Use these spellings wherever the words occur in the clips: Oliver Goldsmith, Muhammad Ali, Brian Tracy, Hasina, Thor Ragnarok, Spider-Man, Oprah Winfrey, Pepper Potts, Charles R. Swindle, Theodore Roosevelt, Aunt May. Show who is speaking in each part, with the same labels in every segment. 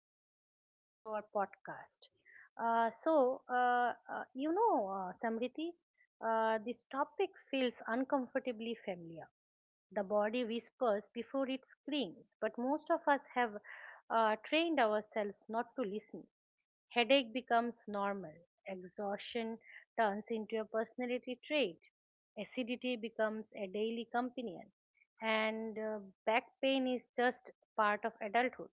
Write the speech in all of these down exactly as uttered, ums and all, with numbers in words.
Speaker 1: and welcome back to our podcast. Uh, so, uh, uh, you know, uh, Samriti, uh, this topic feels uncomfortably familiar. The body whispers before it screams, but most of us have uh, trained ourselves not to listen. Headache becomes normal, exhaustion turns into a personality trait, acidity becomes a daily companion, and uh, back pain is just part of adulthood.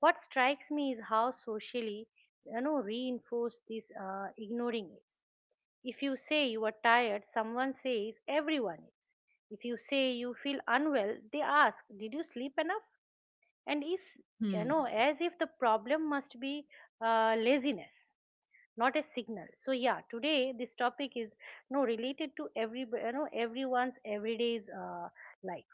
Speaker 1: What strikes me is how socially, you know, reinforced this uh, ignoring is. If you say you are tired, someone says everyone is. If you say you feel unwell, they ask, "Did you sleep enough?" And is you
Speaker 2: Hmm.
Speaker 1: know as if the problem must be uh, laziness, not a signal. So yeah, today this topic is no related to every you know everyone's everyday's uh, life,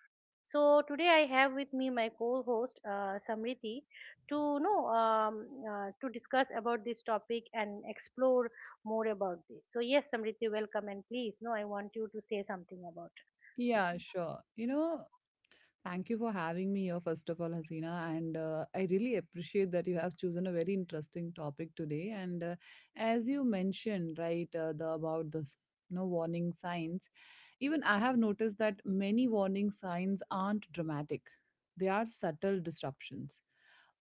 Speaker 1: so today I have with me my co-host uh, Samriti to know um, uh, to discuss about this topic and explore more about this. So yes, Samriti, welcome and please, no, I want you to say something about this.
Speaker 2: Yeah, sure. You know, thank you for having me here, first of all, Hasina. And uh, I really appreciate that you have chosen a very interesting topic today. And uh, As you mentioned, right, uh, the about the s- you know, warning signs. Even I have noticed that many warning signs aren't dramatic, they are subtle disruptions.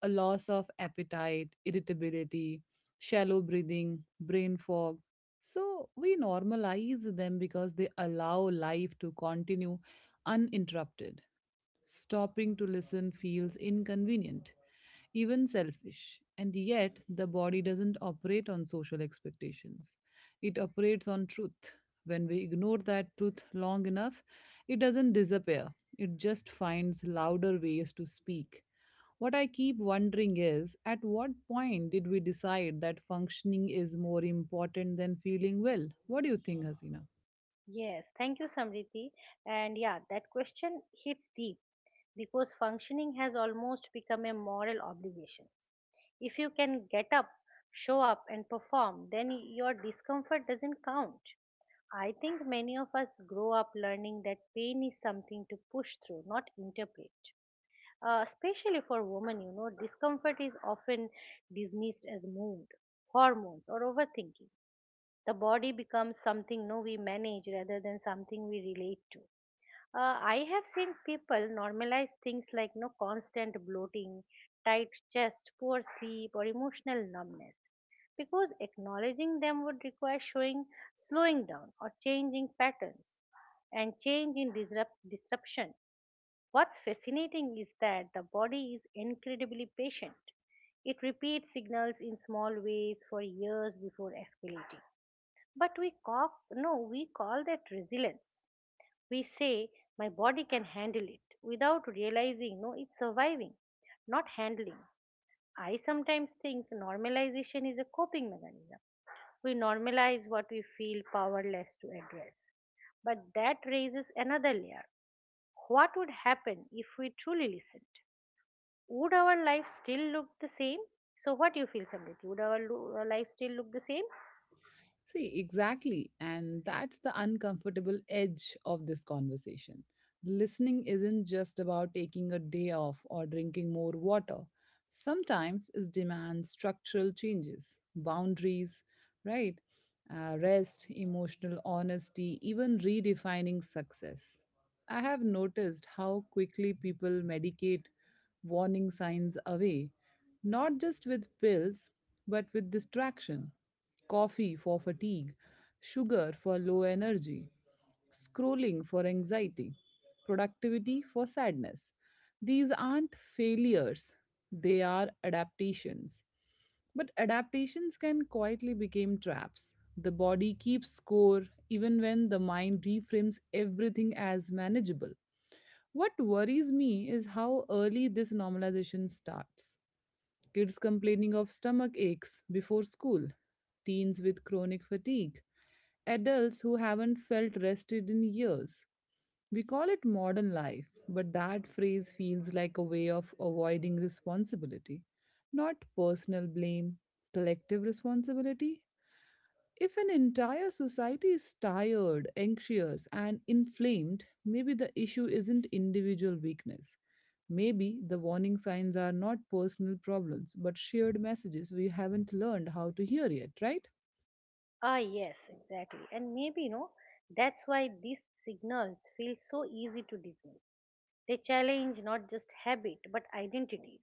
Speaker 2: A loss of appetite, irritability, shallow breathing, brain fog. So we normalize them because they allow life to continue uninterrupted. Stopping to listen feels inconvenient even selfish. And yet, the body doesn't operate on social expectations, it operates on truth. When we ignore that truth long enough, it doesn't disappear, it just finds louder ways to speak. What I keep wondering is at what point did we decide that functioning is more important than feeling well? What do you think, Hasina?
Speaker 1: Yes, thank you, Samriti. And yeah, that question hits deep because functioning has almost become a moral obligation. If you can get up, show up, and perform, then your discomfort doesn't count. I think many of us grow up learning that pain is something to push through, not interpret. Uh, especially for women, you know, discomfort is often dismissed as mood, hormones, or overthinking. The body becomes something no we manage rather than something we relate to. Uh, I have seen people normalize things like no constant bloating, tight chest, poor sleep, or emotional numbness because acknowledging them would require showing slowing down or changing patterns and change in disrupt, disruption. What's fascinating is that the body is incredibly patient. It repeats signals in small ways for years before escalating. But we, cop, no, we call that resilience. We say, my body can handle it, without realizing, no, it's surviving, not handling. I sometimes think normalization is a coping mechanism. We normalize what we feel powerless to address. But that raises another layer. What would happen if we truly listened? Would our life still look the same? So, what do you feel, Samriti? Would our lo- our life still look the same?
Speaker 2: See, exactly. And that's the uncomfortable edge of this conversation. Listening isn't just about taking a day off or drinking more water. Sometimes it demands structural changes, boundaries, right? Uh, rest, emotional honesty, even redefining success. I have noticed how quickly people medicate warning signs away, not just with pills, but with distraction coffee for fatigue, sugar for low energy, scrolling for anxiety, productivity for sadness. These aren't failures, they are adaptations. But adaptations can quietly become traps. The body keeps score even when the mind reframes everything as manageable. What worries me is how early this normalization starts kids complaining of stomach aches before school, teens with chronic fatigue, adults who haven't felt rested in years. We call it modern life, but that phrase feels like a way of avoiding responsibility. Not personal blame, collective responsibility. If an entire society is tired, anxious, and inflamed, maybe the issue isn't individual weakness. Maybe the warning signs are not personal problems, but shared messages we haven't learned how to hear yet, right?
Speaker 1: Ah, yes, exactly. And maybe, you know, that's why these signals feel so easy to dismiss. They challenge not just habit but identities.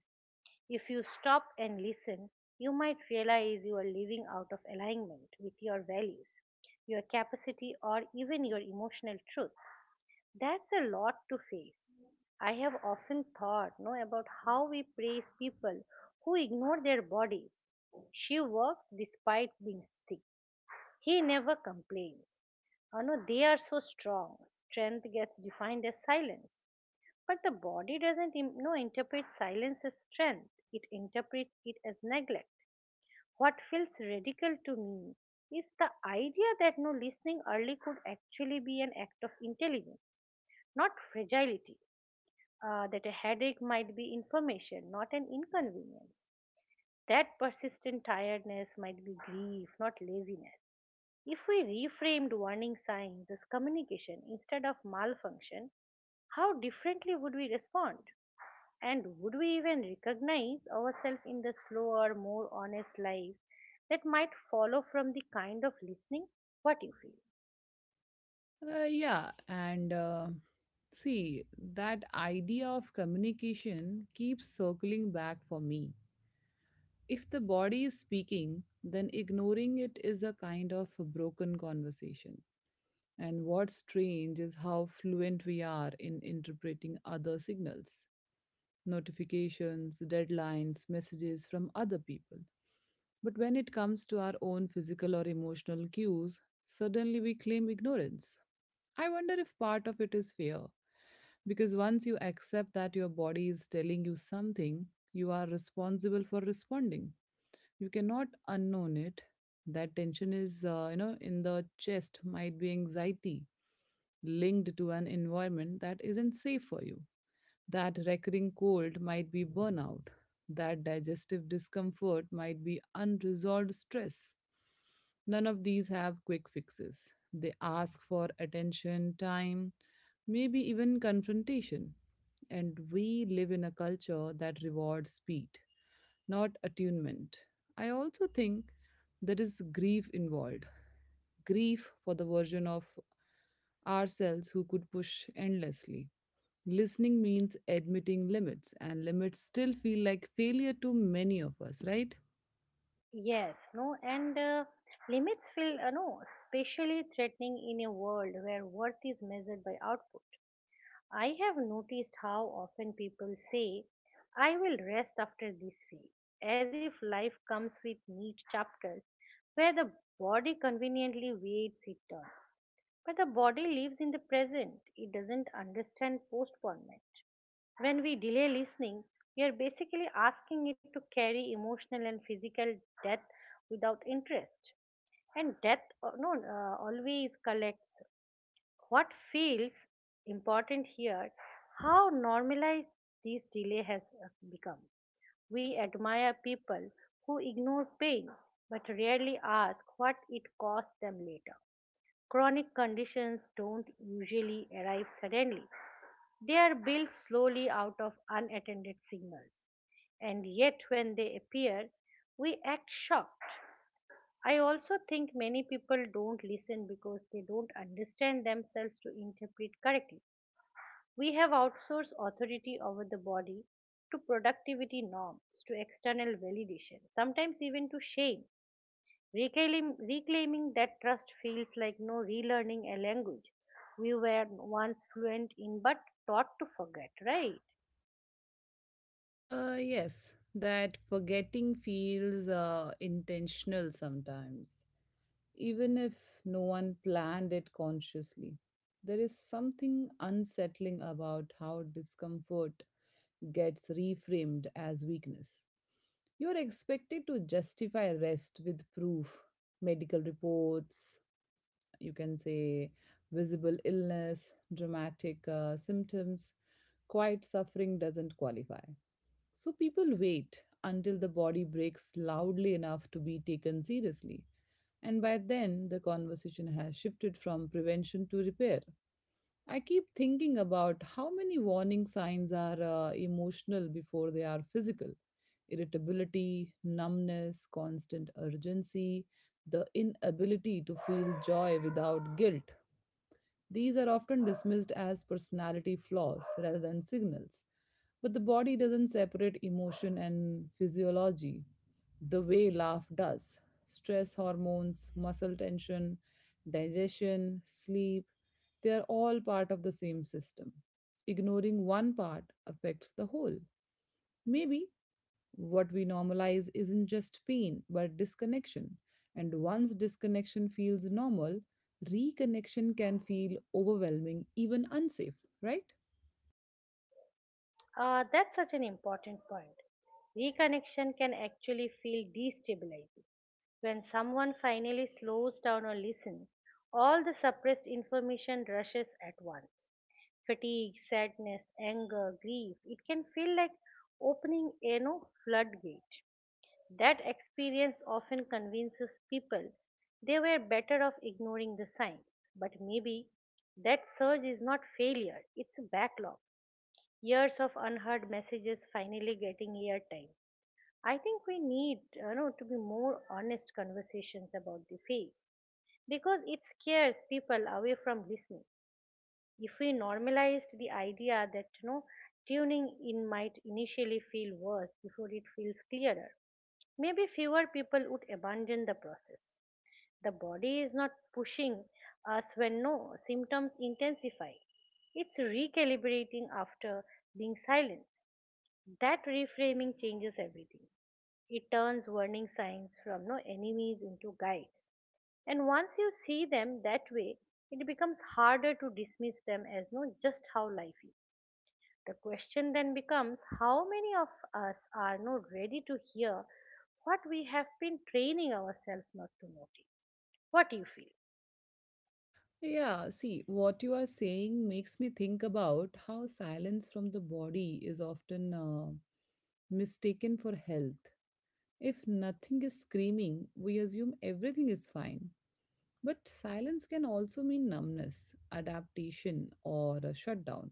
Speaker 1: If you stop and listen, you might realize you are living out of alignment with your values, your capacity, or even your emotional truth. That's a lot to face. I have often thought no, about how we praise people who ignore their bodies. She works despite being sick. He never complains. Oh, no, they are so strong. Strength gets defined as silence. But the body doesn't im- no interpret silence as strength. It interprets it as neglect. What feels radical to me is the idea that no listening early could actually be an act of intelligence, not fragility. Uh, that a headache might be information, not an inconvenience. That persistent tiredness might be grief, not laziness. If we reframed warning signs as communication instead of malfunction, how differently would we respond? And would we even recognize ourselves in the slower, more honest lives that might follow from the kind of listening? What you feel?
Speaker 2: Uh, yeah, and uh, see, that idea of communication keeps circling back for me. If the body is speaking, then ignoring it is a kind of a broken conversation. And what's strange is how fluent we are in interpreting other signals, notifications, deadlines, messages from other people. But when it comes to our own physical or emotional cues, suddenly we claim ignorance. I wonder if part of it is fear, because once you accept that your body is telling you something, you are responsible for responding. You cannot unknown it. That tension is uh, you know in the chest might be anxiety linked to an environment that isn't safe for you. That recurring cold might be burnout. That digestive discomfort might be unresolved stress. None of these have quick fixes. They ask for attention, time, maybe even confrontation. And we live in a culture that rewards speed, not attunement. I also think there is grief involved, grief for the version of ourselves who could push endlessly. Listening means admitting limits, and limits still feel like failure to many of us, right?
Speaker 1: Yes, no, and uh, limits feel, uh, no, especially threatening in a world where worth is measured by output. I have noticed how often people say, I will rest after this week, as if life comes with neat chapters where the body conveniently waits its turns. But the body lives in the present, it doesn't understand postponement. When we delay listening, we are basically asking it to carry emotional and physical death without interest. And death uh, no, uh, always collects what feels important here, how normalized this delay has uh, become. We admire people who ignore pain but rarely ask what it costs them later. Chronic conditions don't usually arrive suddenly. They are built slowly out of unattended signals. And yet, when they appear, we act shocked. I also think many people don't listen because they don't understand themselves to interpret correctly. We have outsourced authority over the body to productivity norms, to external validation, sometimes even to shame. Reclaim, reclaiming that trust feels like no relearning a language we were once fluent in but taught to forget, right?
Speaker 2: Uh, yes, that forgetting feels uh, intentional sometimes, even if no one planned it consciously. There is something unsettling about how discomfort gets reframed as weakness. You are expected to justify rest with proof, medical reports, you can say visible illness, dramatic uh, symptoms. Quiet suffering doesn't qualify. So people wait until the body breaks loudly enough to be taken seriously. And by then, the conversation has shifted from prevention to repair. I keep thinking about how many warning signs are uh, emotional before they are physical, irritability, numbness, constant urgency, the inability to feel joy without guilt. These are often dismissed as personality flaws rather than signals. But the body doesn't separate emotion and physiology the way laugh does. Stress hormones, muscle tension, digestion, sleep, they are all part of the same system. Ignoring one part affects the whole. Maybe what we normalize isn't just pain, but disconnection. And once disconnection feels normal, reconnection can feel overwhelming, even unsafe, right?
Speaker 1: Uh, that's such an important point. Reconnection can actually feel destabilizing. When someone finally slows down or listens, all the suppressed information rushes at once. Fatigue, sadness, anger, grief. It can feel like opening a no floodgate. That experience often convinces people they were better off ignoring the signs. But maybe that surge is not failure, it's a backlog, years of unheard messages finally getting airtime. I think we need, you know, to be more honest conversations about the faith because it scares people away from listening. If we normalized the idea that you know tuning in might initially feel worse before it feels clearer, maybe fewer people would abandon the process. The body is not pushing us when no symptoms intensify, it's recalibrating after being silenced. That reframing changes everything. It turns warning signs from no enemies into guides, and once you see them that way, it becomes harder to dismiss them as no just how life is. The question then becomes how many of us are not ready to hear what we have been training ourselves not to notice. What do you feel?
Speaker 2: Yeah, see, what you are saying makes me think about how silence from the body is often uh, mistaken for health. If nothing is screaming, we assume everything is fine. But silence can also mean numbness, adaptation, or a shutdown.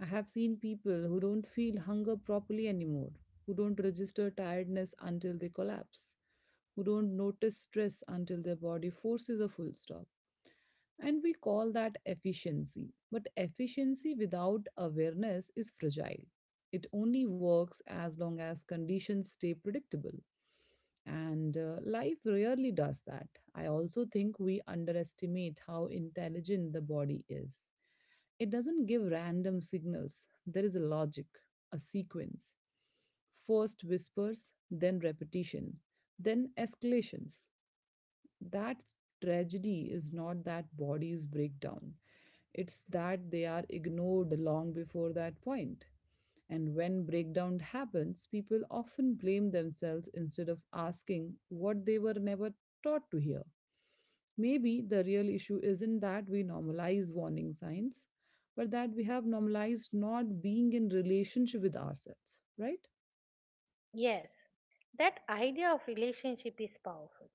Speaker 2: I have seen people who don't feel hunger properly anymore, who don't register tiredness until they collapse, who don't notice stress until their body forces a full stop. And we call that efficiency. But efficiency without awareness is fragile. It only works as long as conditions stay predictable. And uh, Life rarely does that. I also think we underestimate how intelligent the body is. It doesn't give random signals, there is a logic, a sequence. First whispers, then repetition, then escalations. That tragedy is not that bodies break down, it's that they are ignored long before that point. And when breakdown happens, people often blame themselves instead of asking what they were never taught to hear. Maybe the real issue isn't that we normalize warning signs, but that we have normalized not being in relationship with ourselves, right?
Speaker 1: Yes, that idea of relationship is powerful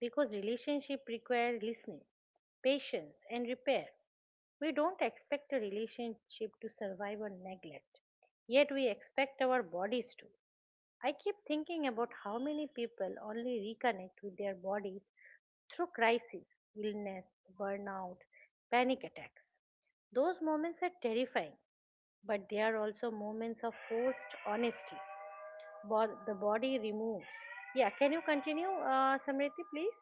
Speaker 1: because relationship requires listening, patience, and repair. We don't expect a relationship to survive on neglect, yet we expect our bodies to. I keep thinking about how many people only reconnect with their bodies through crisis, illness, burnout, panic attacks. Those moments are terrifying, but they are also moments of forced honesty. Bo- the body removes. Yeah, can you continue, uh, Samriti, please?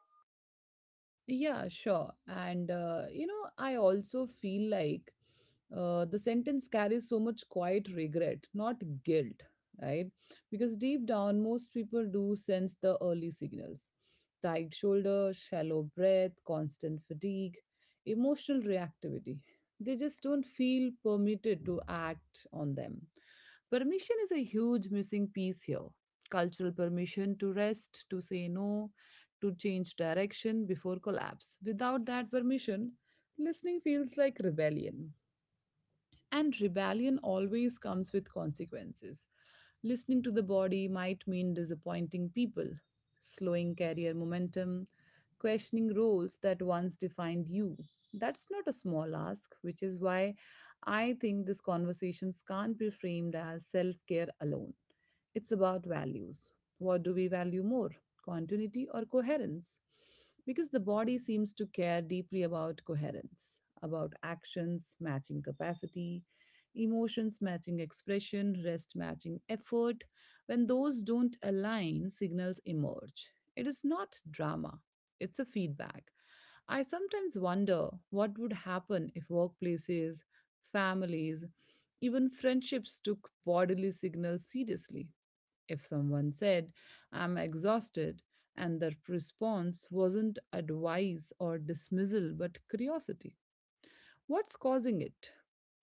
Speaker 2: Yeah, sure. And, uh, you know, I also feel like uh, the sentence carries so much quiet regret, not guilt, right? Because deep down, most people do sense the early signals, tight shoulder, shallow breath, constant fatigue, emotional reactivity. They just don't feel permitted to act on them. Permission is a huge missing piece here. Cultural permission to rest, to say no, to change direction before collapse. Without that permission, listening feels like rebellion. And rebellion always comes with consequences. Listening to the body might mean disappointing people, slowing career momentum, questioning roles that once defined you. That's not a small ask, which is why I think these conversations can't be framed as self care alone. It's about values. What do we value more, continuity or coherence? Because the body seems to care deeply about coherence, about actions matching capacity, emotions matching expression, rest matching effort. When those don't align, signals emerge. It is not drama, it's a feedback. I sometimes wonder what would happen if workplaces, families, even friendships took bodily signals seriously. If someone said, I'm exhausted, and the response wasn't advice or dismissal but curiosity, what's causing it?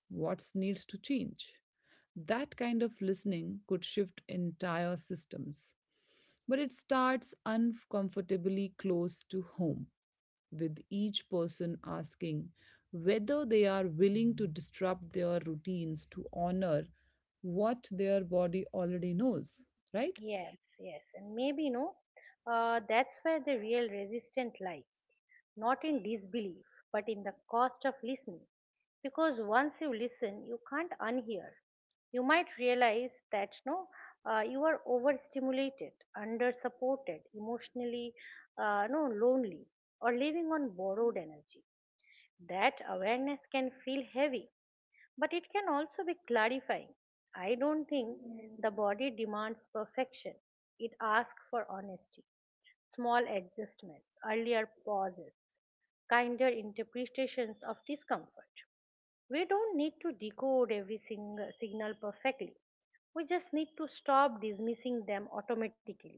Speaker 2: What needs to change? That kind of listening could shift entire systems. But it starts uncomfortably close to home, with each person asking whether they are willing to disrupt their routines to honor what their body already knows, right?
Speaker 1: Yes, yes, and maybe no, uh, that's where the real resistance lies, not in disbelief, but in the cost of listening. Because once you listen, you can't unhear. You might realize that no, uh, you are overstimulated, undersupported, emotionally, uh, no, lonely, or living on borrowed energy. That awareness can feel heavy, but it can also be clarifying. I don't think the body demands perfection, it asks for honesty, small adjustments, earlier pauses, kinder interpretations of discomfort. We don't need to decode every sing- signal perfectly. We just need to stop dismissing them automatically.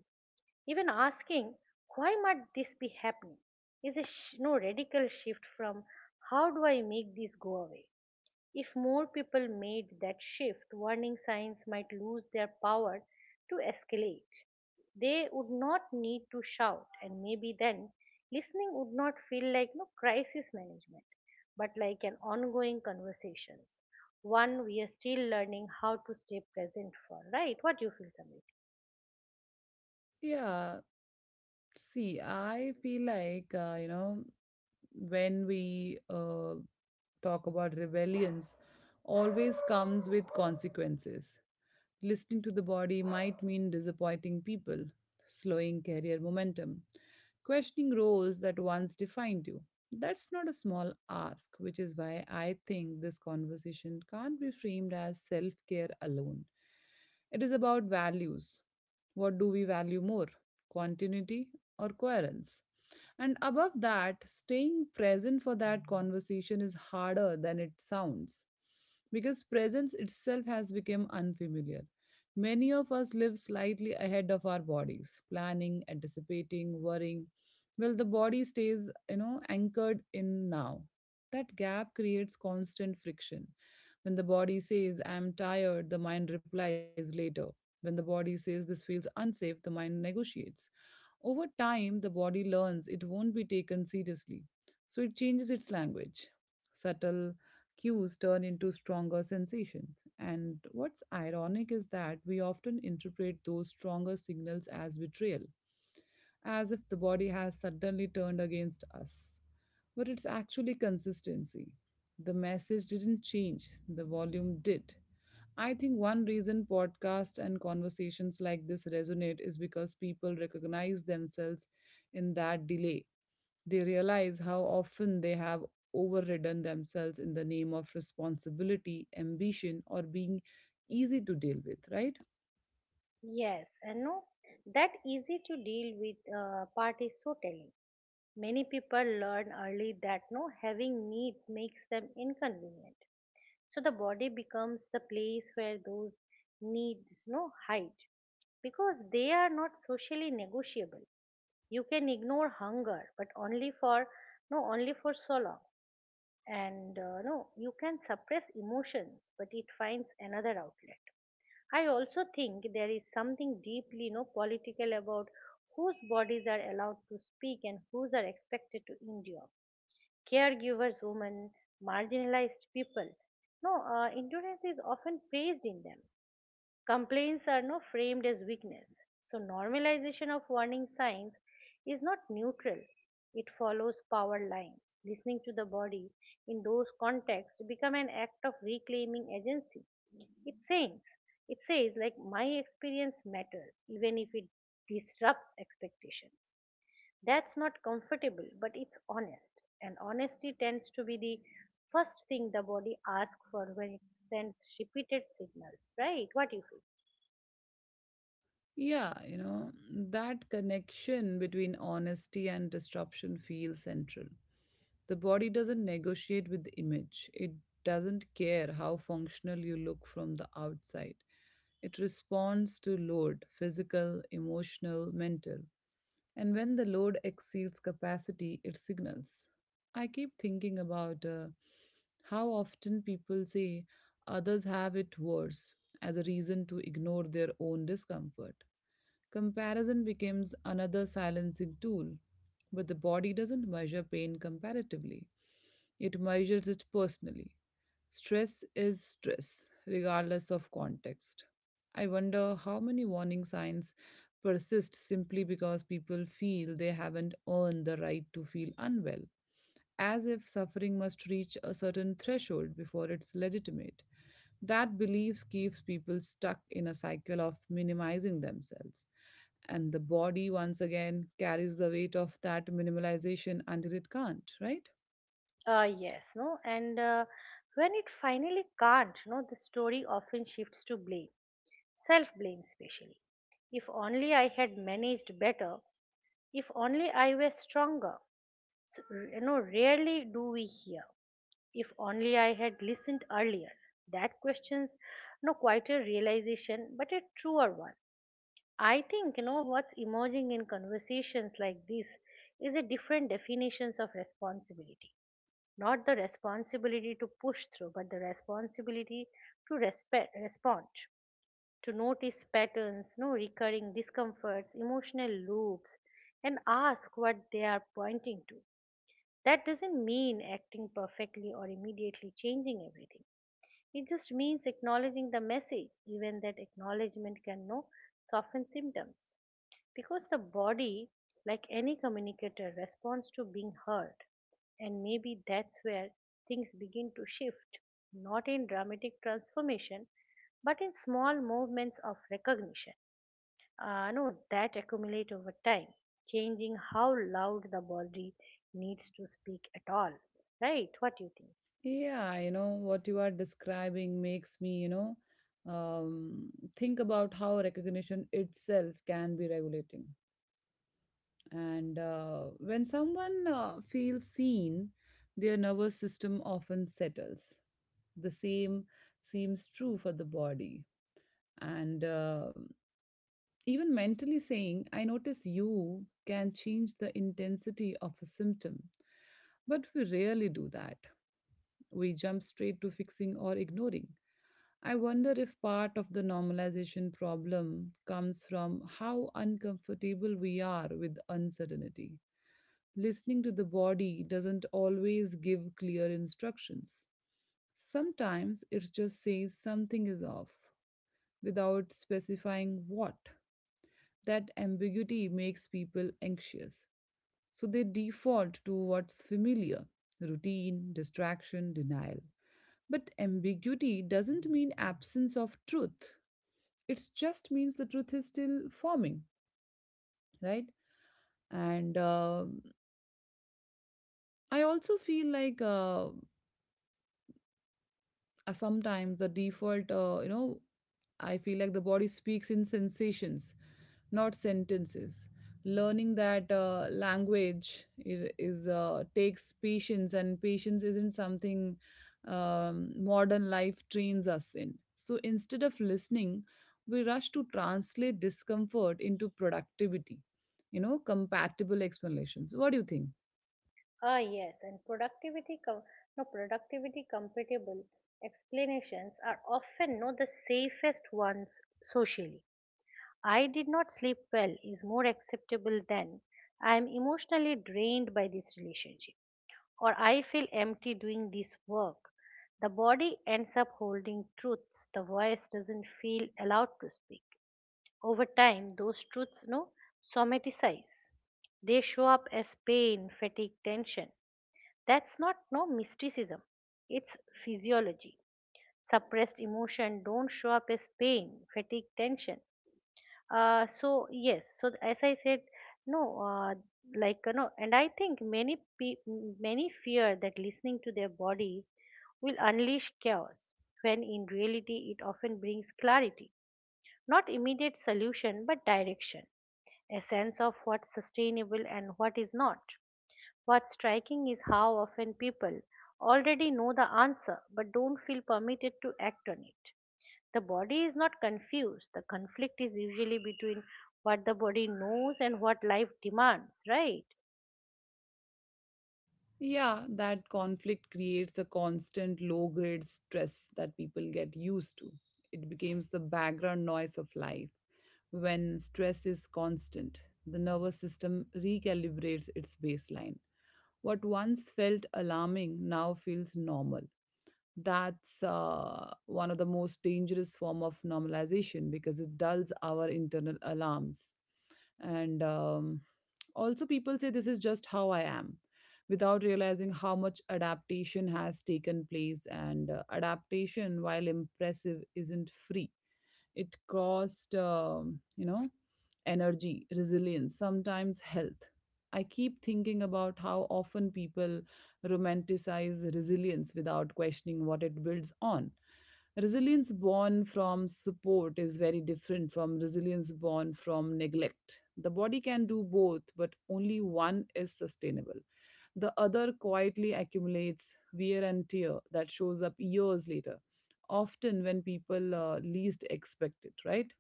Speaker 1: Even asking, why might this be happening, is a sh- no radical shift from how do I make this go away. If more people made that shift, warning signs might lose their power to escalate. They would not need to shout, and maybe then listening would not feel like no crisis management, but like an ongoing conversations. One we are still learning how to stay present for, right? What do you feel, Samir?
Speaker 2: Yeah, see, I feel like, uh, you know, when we uh, talk about rebellions, always comes with consequences. Listening to the body might mean disappointing people, slowing career momentum, questioning roles that once defined you. That's not a small ask, which is why I think this conversation can't be framed as self care alone. It is about values. What do we value more, continuity or coherence? And above that, staying present for that conversation is harder than it sounds because presence itself has become unfamiliar. Many of us live slightly ahead of our bodies, planning, anticipating, worrying. Well, the body stays, you know, anchored in now. That gap creates constant friction. When the body says, I'm tired, the mind replies later. When the body says, this feels unsafe, the mind negotiates. Over time, the body learns it won't be taken seriously, so it changes its language. Subtle cues turn into stronger sensations, and what's ironic is that we often interpret those stronger signals as betrayal, as if the body has suddenly turned against us. But it's actually consistency. The message didn't change, the volume did. I think one reason podcasts and conversations like this resonate is because people recognize themselves in that delay. They realize how often they have overridden themselves in the name of responsibility, ambition, or being easy to deal with, right?
Speaker 1: Yes, and no, that easy to deal with uh, part is so telling. Many people learn early that no having needs makes them inconvenient. So the body becomes the place where those needs no hide because they are not socially negotiable. You can ignore hunger, but only for no only for so long. And uh, no, you can suppress emotions, but it finds another outlet. I also think there is something deeply, you know, political about whose bodies are allowed to speak and whose are expected to endure. Caregivers, women, marginalized people. No, uh, endurance is often praised in them. Complaints are now framed as weakness. So, normalization of warning signs is not neutral, it follows power lines. Listening to the body in those contexts become an act of reclaiming agency. It says, it says like my experience matters, even if it disrupts expectations. That's not comfortable, but it's honest. And honesty tends to be the first thing the body asks for when it sends repeated signals, right? What do you feel?
Speaker 2: Yeah, you know, that connection between honesty and disruption feels central. The body doesn't negotiate with the image. It doesn't care how functional you look from the outside. It responds to load physical, emotional, mental. And when the load exceeds capacity, it signals. I keep thinking about uh, how often people say others have it worse as a reason to ignore their own discomfort. Comparison becomes another silencing tool, but the body doesn't measure pain comparatively, it measures it personally. Stress is stress, regardless of context. I wonder how many warning signs persist simply because people feel they haven't earned the right to feel unwell, as if suffering must reach a certain threshold before it's legitimate. That belief keeps people stuck in a cycle of minimizing themselves. And the body, once again, carries the weight of that minimalization until it can't, right?
Speaker 1: Uh, yes, no, and uh, when it finally can't, no, the story often shifts to blame, self blame, especially. If only I had managed better, if only I were stronger. So, r- you know, rarely do we hear, if only I had listened earlier. That question's no quite a realization, but a truer one. I think, you know, what's emerging in conversations like this is a different definitions of responsibility, not the responsibility to push through but the responsibility to respect respond, to notice patterns, no, recurring discomforts, emotional loops, and ask what they are pointing to. That doesn't mean acting perfectly or immediately changing everything, it just means acknowledging the message. Even that acknowledgement can no soften symptoms, because the body, like any communicator, responds to being heard. And maybe that's where things begin to shift, not in dramatic transformation, but in small movements of recognition. Uh, no, That accumulate over time, changing how loud the body needs to speak at all. Right? What do you think?
Speaker 2: Yeah, you know, what you are describing makes me, you know, um, think about how recognition itself can be regulating. And uh, when someone uh, feels seen, their nervous system often settles. The same seems true for the body. And uh, Even mentally saying "I notice you" can change the intensity of a symptom, but we rarely do that. We jump straight to fixing or ignoring. I wonder if part of the normalization problem comes from how uncomfortable we are with uncertainty. Listening to the body doesn't always give clear instructions. Sometimes it just says something is off, without specifying what. That ambiguity makes people anxious, so they default to what's familiar: routine, distraction, denial. But ambiguity doesn't mean absence of truth, it just means the truth is still forming, right? And uh, I also feel like uh, uh, sometimes the default, uh, you know I feel like the body speaks in sensations, not sentences. Learning that uh, language i- is uh, takes patience, and patience isn't something um, modern life trains us in. So instead of listening, we rush to translate discomfort into productivity, you know compatible explanations. What do you think?
Speaker 1: Ah, yes, and productivity, com- no, productivity compatible explanations are often no the safest ones socially. I did not sleep well is more acceptable than I am emotionally drained by this relationship, or I feel empty doing this work. The body ends up holding truths the voice doesn't feel allowed to speak. Over time, those truths no somatize. They show up as pain, fatigue, tension. That's not no mysticism. It's physiology. Suppressed emotion don't show up as pain, fatigue, tension. Uh, so yes, so th- as I said, no, uh, like uh, no, and I think many pe- m- many fear that listening to their bodies will unleash chaos, when in reality it often brings clarity, not immediate solution but direction, a sense of what's sustainable and what is not. What's striking is how often people already know the answer but don't feel permitted to act on it. The body is not confused. The conflict is usually between what the body knows and what life demands, right?
Speaker 2: Yeah, that conflict creates a constant low grade stress that people get used to. It becomes the background noise of life. When stress is constant, the nervous system recalibrates its baseline. What once felt alarming now feels normal. That's uh, one of the most dangerous form of normalization because it dulls our internal alarms. And um, Also, people say "this is just how I am" without realizing how much adaptation has taken place, and uh, adaptation, while impressive, isn't free. It cost, um, you know, energy, resilience, sometimes health. I keep thinking about how often people romanticize resilience without questioning what it builds on. Resilience born from support is very different from resilience born from neglect. The body can do both, but only one is sustainable. The other quietly accumulates wear and tear that shows up years later, often when people uh, least expect it, right?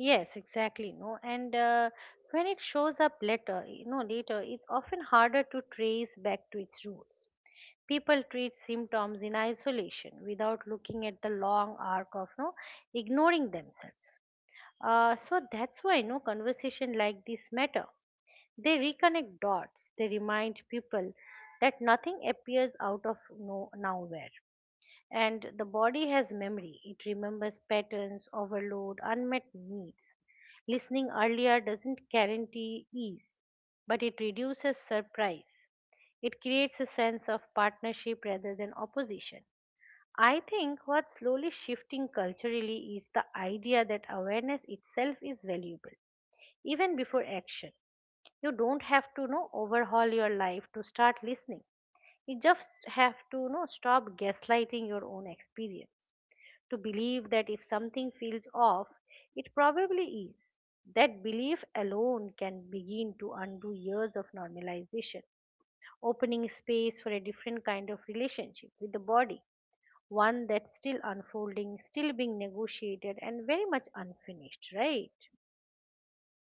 Speaker 1: Yes, exactly. No, and uh, when it shows up later, you know, later, it's often harder to trace back to its roots. People treat symptoms in isolation without looking at the long arc of no ignoring themselves. Uh, so that's why no conversation like this matter. They reconnect dots. They remind people that nothing appears out of no nowhere. And the body has memory. It remembers patterns, overload, unmet needs. Listening earlier doesn't guarantee ease, but it reduces surprise. It creates a sense of partnership rather than opposition. I think what's slowly shifting culturally is the idea that awareness itself is valuable, even before action. You don't have to you know overhaul your life to start listening. You just have to you know stop gaslighting your own experience, to believe that if something feels off, it probably is. That belief alone can begin to undo years of normalization, opening space for a different kind of relationship with the body, one that's still unfolding, still being negotiated, and very much unfinished, right?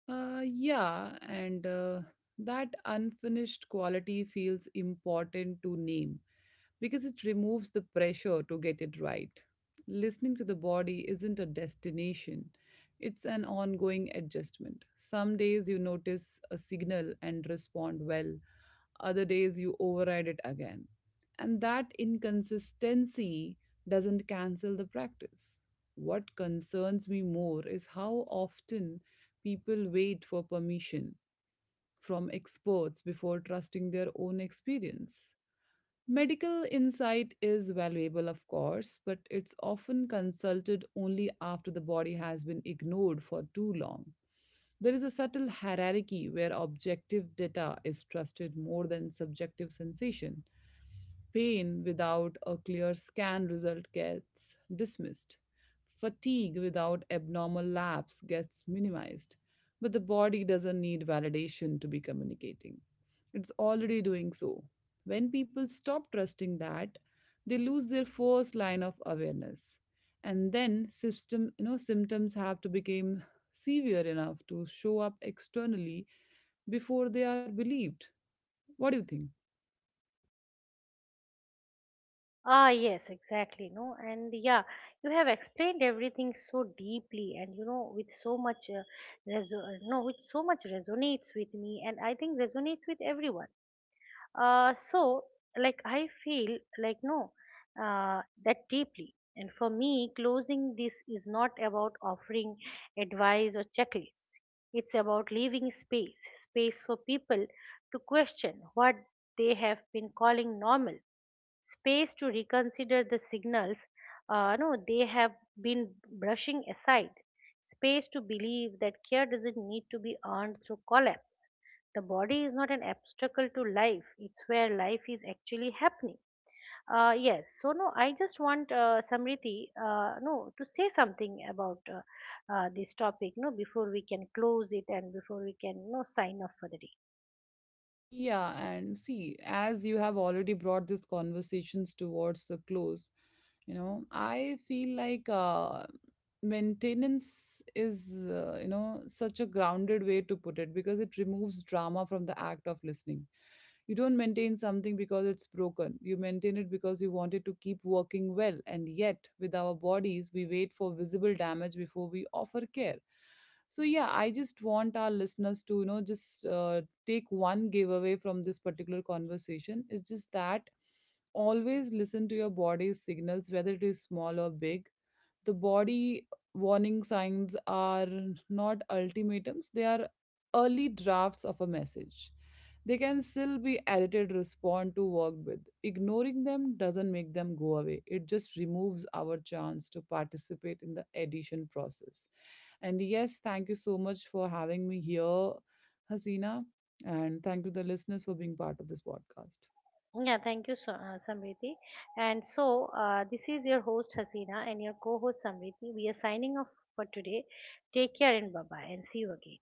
Speaker 2: Uh, yeah, and uh, that unfinished quality feels important to name because it removes the pressure to get it right. Listening to the body isn't a destination, it's an ongoing adjustment. Some days you notice a signal and respond well, other days you override it again. And that inconsistency doesn't cancel the practice. What concerns me more is how often people wait for permission from experts before trusting their own experience. Medical insight is valuable, of course, but it's often consulted only after the body has been ignored for too long. There is a subtle hierarchy where objective data is trusted more than subjective sensation. Pain without a clear scan result gets dismissed. Fatigue without abnormal lapse gets minimized. But the body doesn't need validation to be communicating. It's already doing so. When people stop trusting that, they lose their first line of awareness. And then system, you know, symptoms have to become severe enough to show up externally before they are believed. What do you think?
Speaker 1: Ah, yes, exactly. No, and yeah, you have explained everything so deeply, and you know, with so much, uh, reso- uh, no, with so much resonates with me, and I think resonates with everyone. Uh, so like I feel like no, uh, that deeply. And for me, closing this is not about offering advice or checklists. It's about leaving space, space for people to question what they have been calling normal, space to reconsider the signals uh, no they have been brushing aside, space to believe that care doesn't need to be earned through collapse. The body is not an obstacle to life, it's where life is actually happening. Uh, yes so no I just want uh, Samriti, uh, no to say something about uh, uh, this topic no before we can close it, and before we can no sign off for the day.
Speaker 2: Yeah, and see, as you have already brought these conversations towards the close, you know, I feel like uh, maintenance is, uh, you know, such a grounded way to put it, because it removes drama from the act of listening. You don't maintain something because it's broken. You maintain it because you want it to keep working well. And yet, with our bodies, we wait for visible damage before we offer care. So yeah, I just want our listeners to, you know just uh, take one giveaway from this particular conversation, is just that always listen to your body's signals, whether it is small or big. The body warning signs are not ultimatums, they are early drafts of a message. They can still be edited, respond to, worked with. Ignoring them doesn't make them go away, it just removes our chance to participate in the edition process. And yes, thank you so much for having me here, Hasina. And thank you, the listeners, for being part of this podcast.
Speaker 1: Yeah, thank you, so, uh, Samriti. And so, uh, this is your host Hasina and your co-host Samriti. We are signing off for today. Take care and bye bye, and see you again.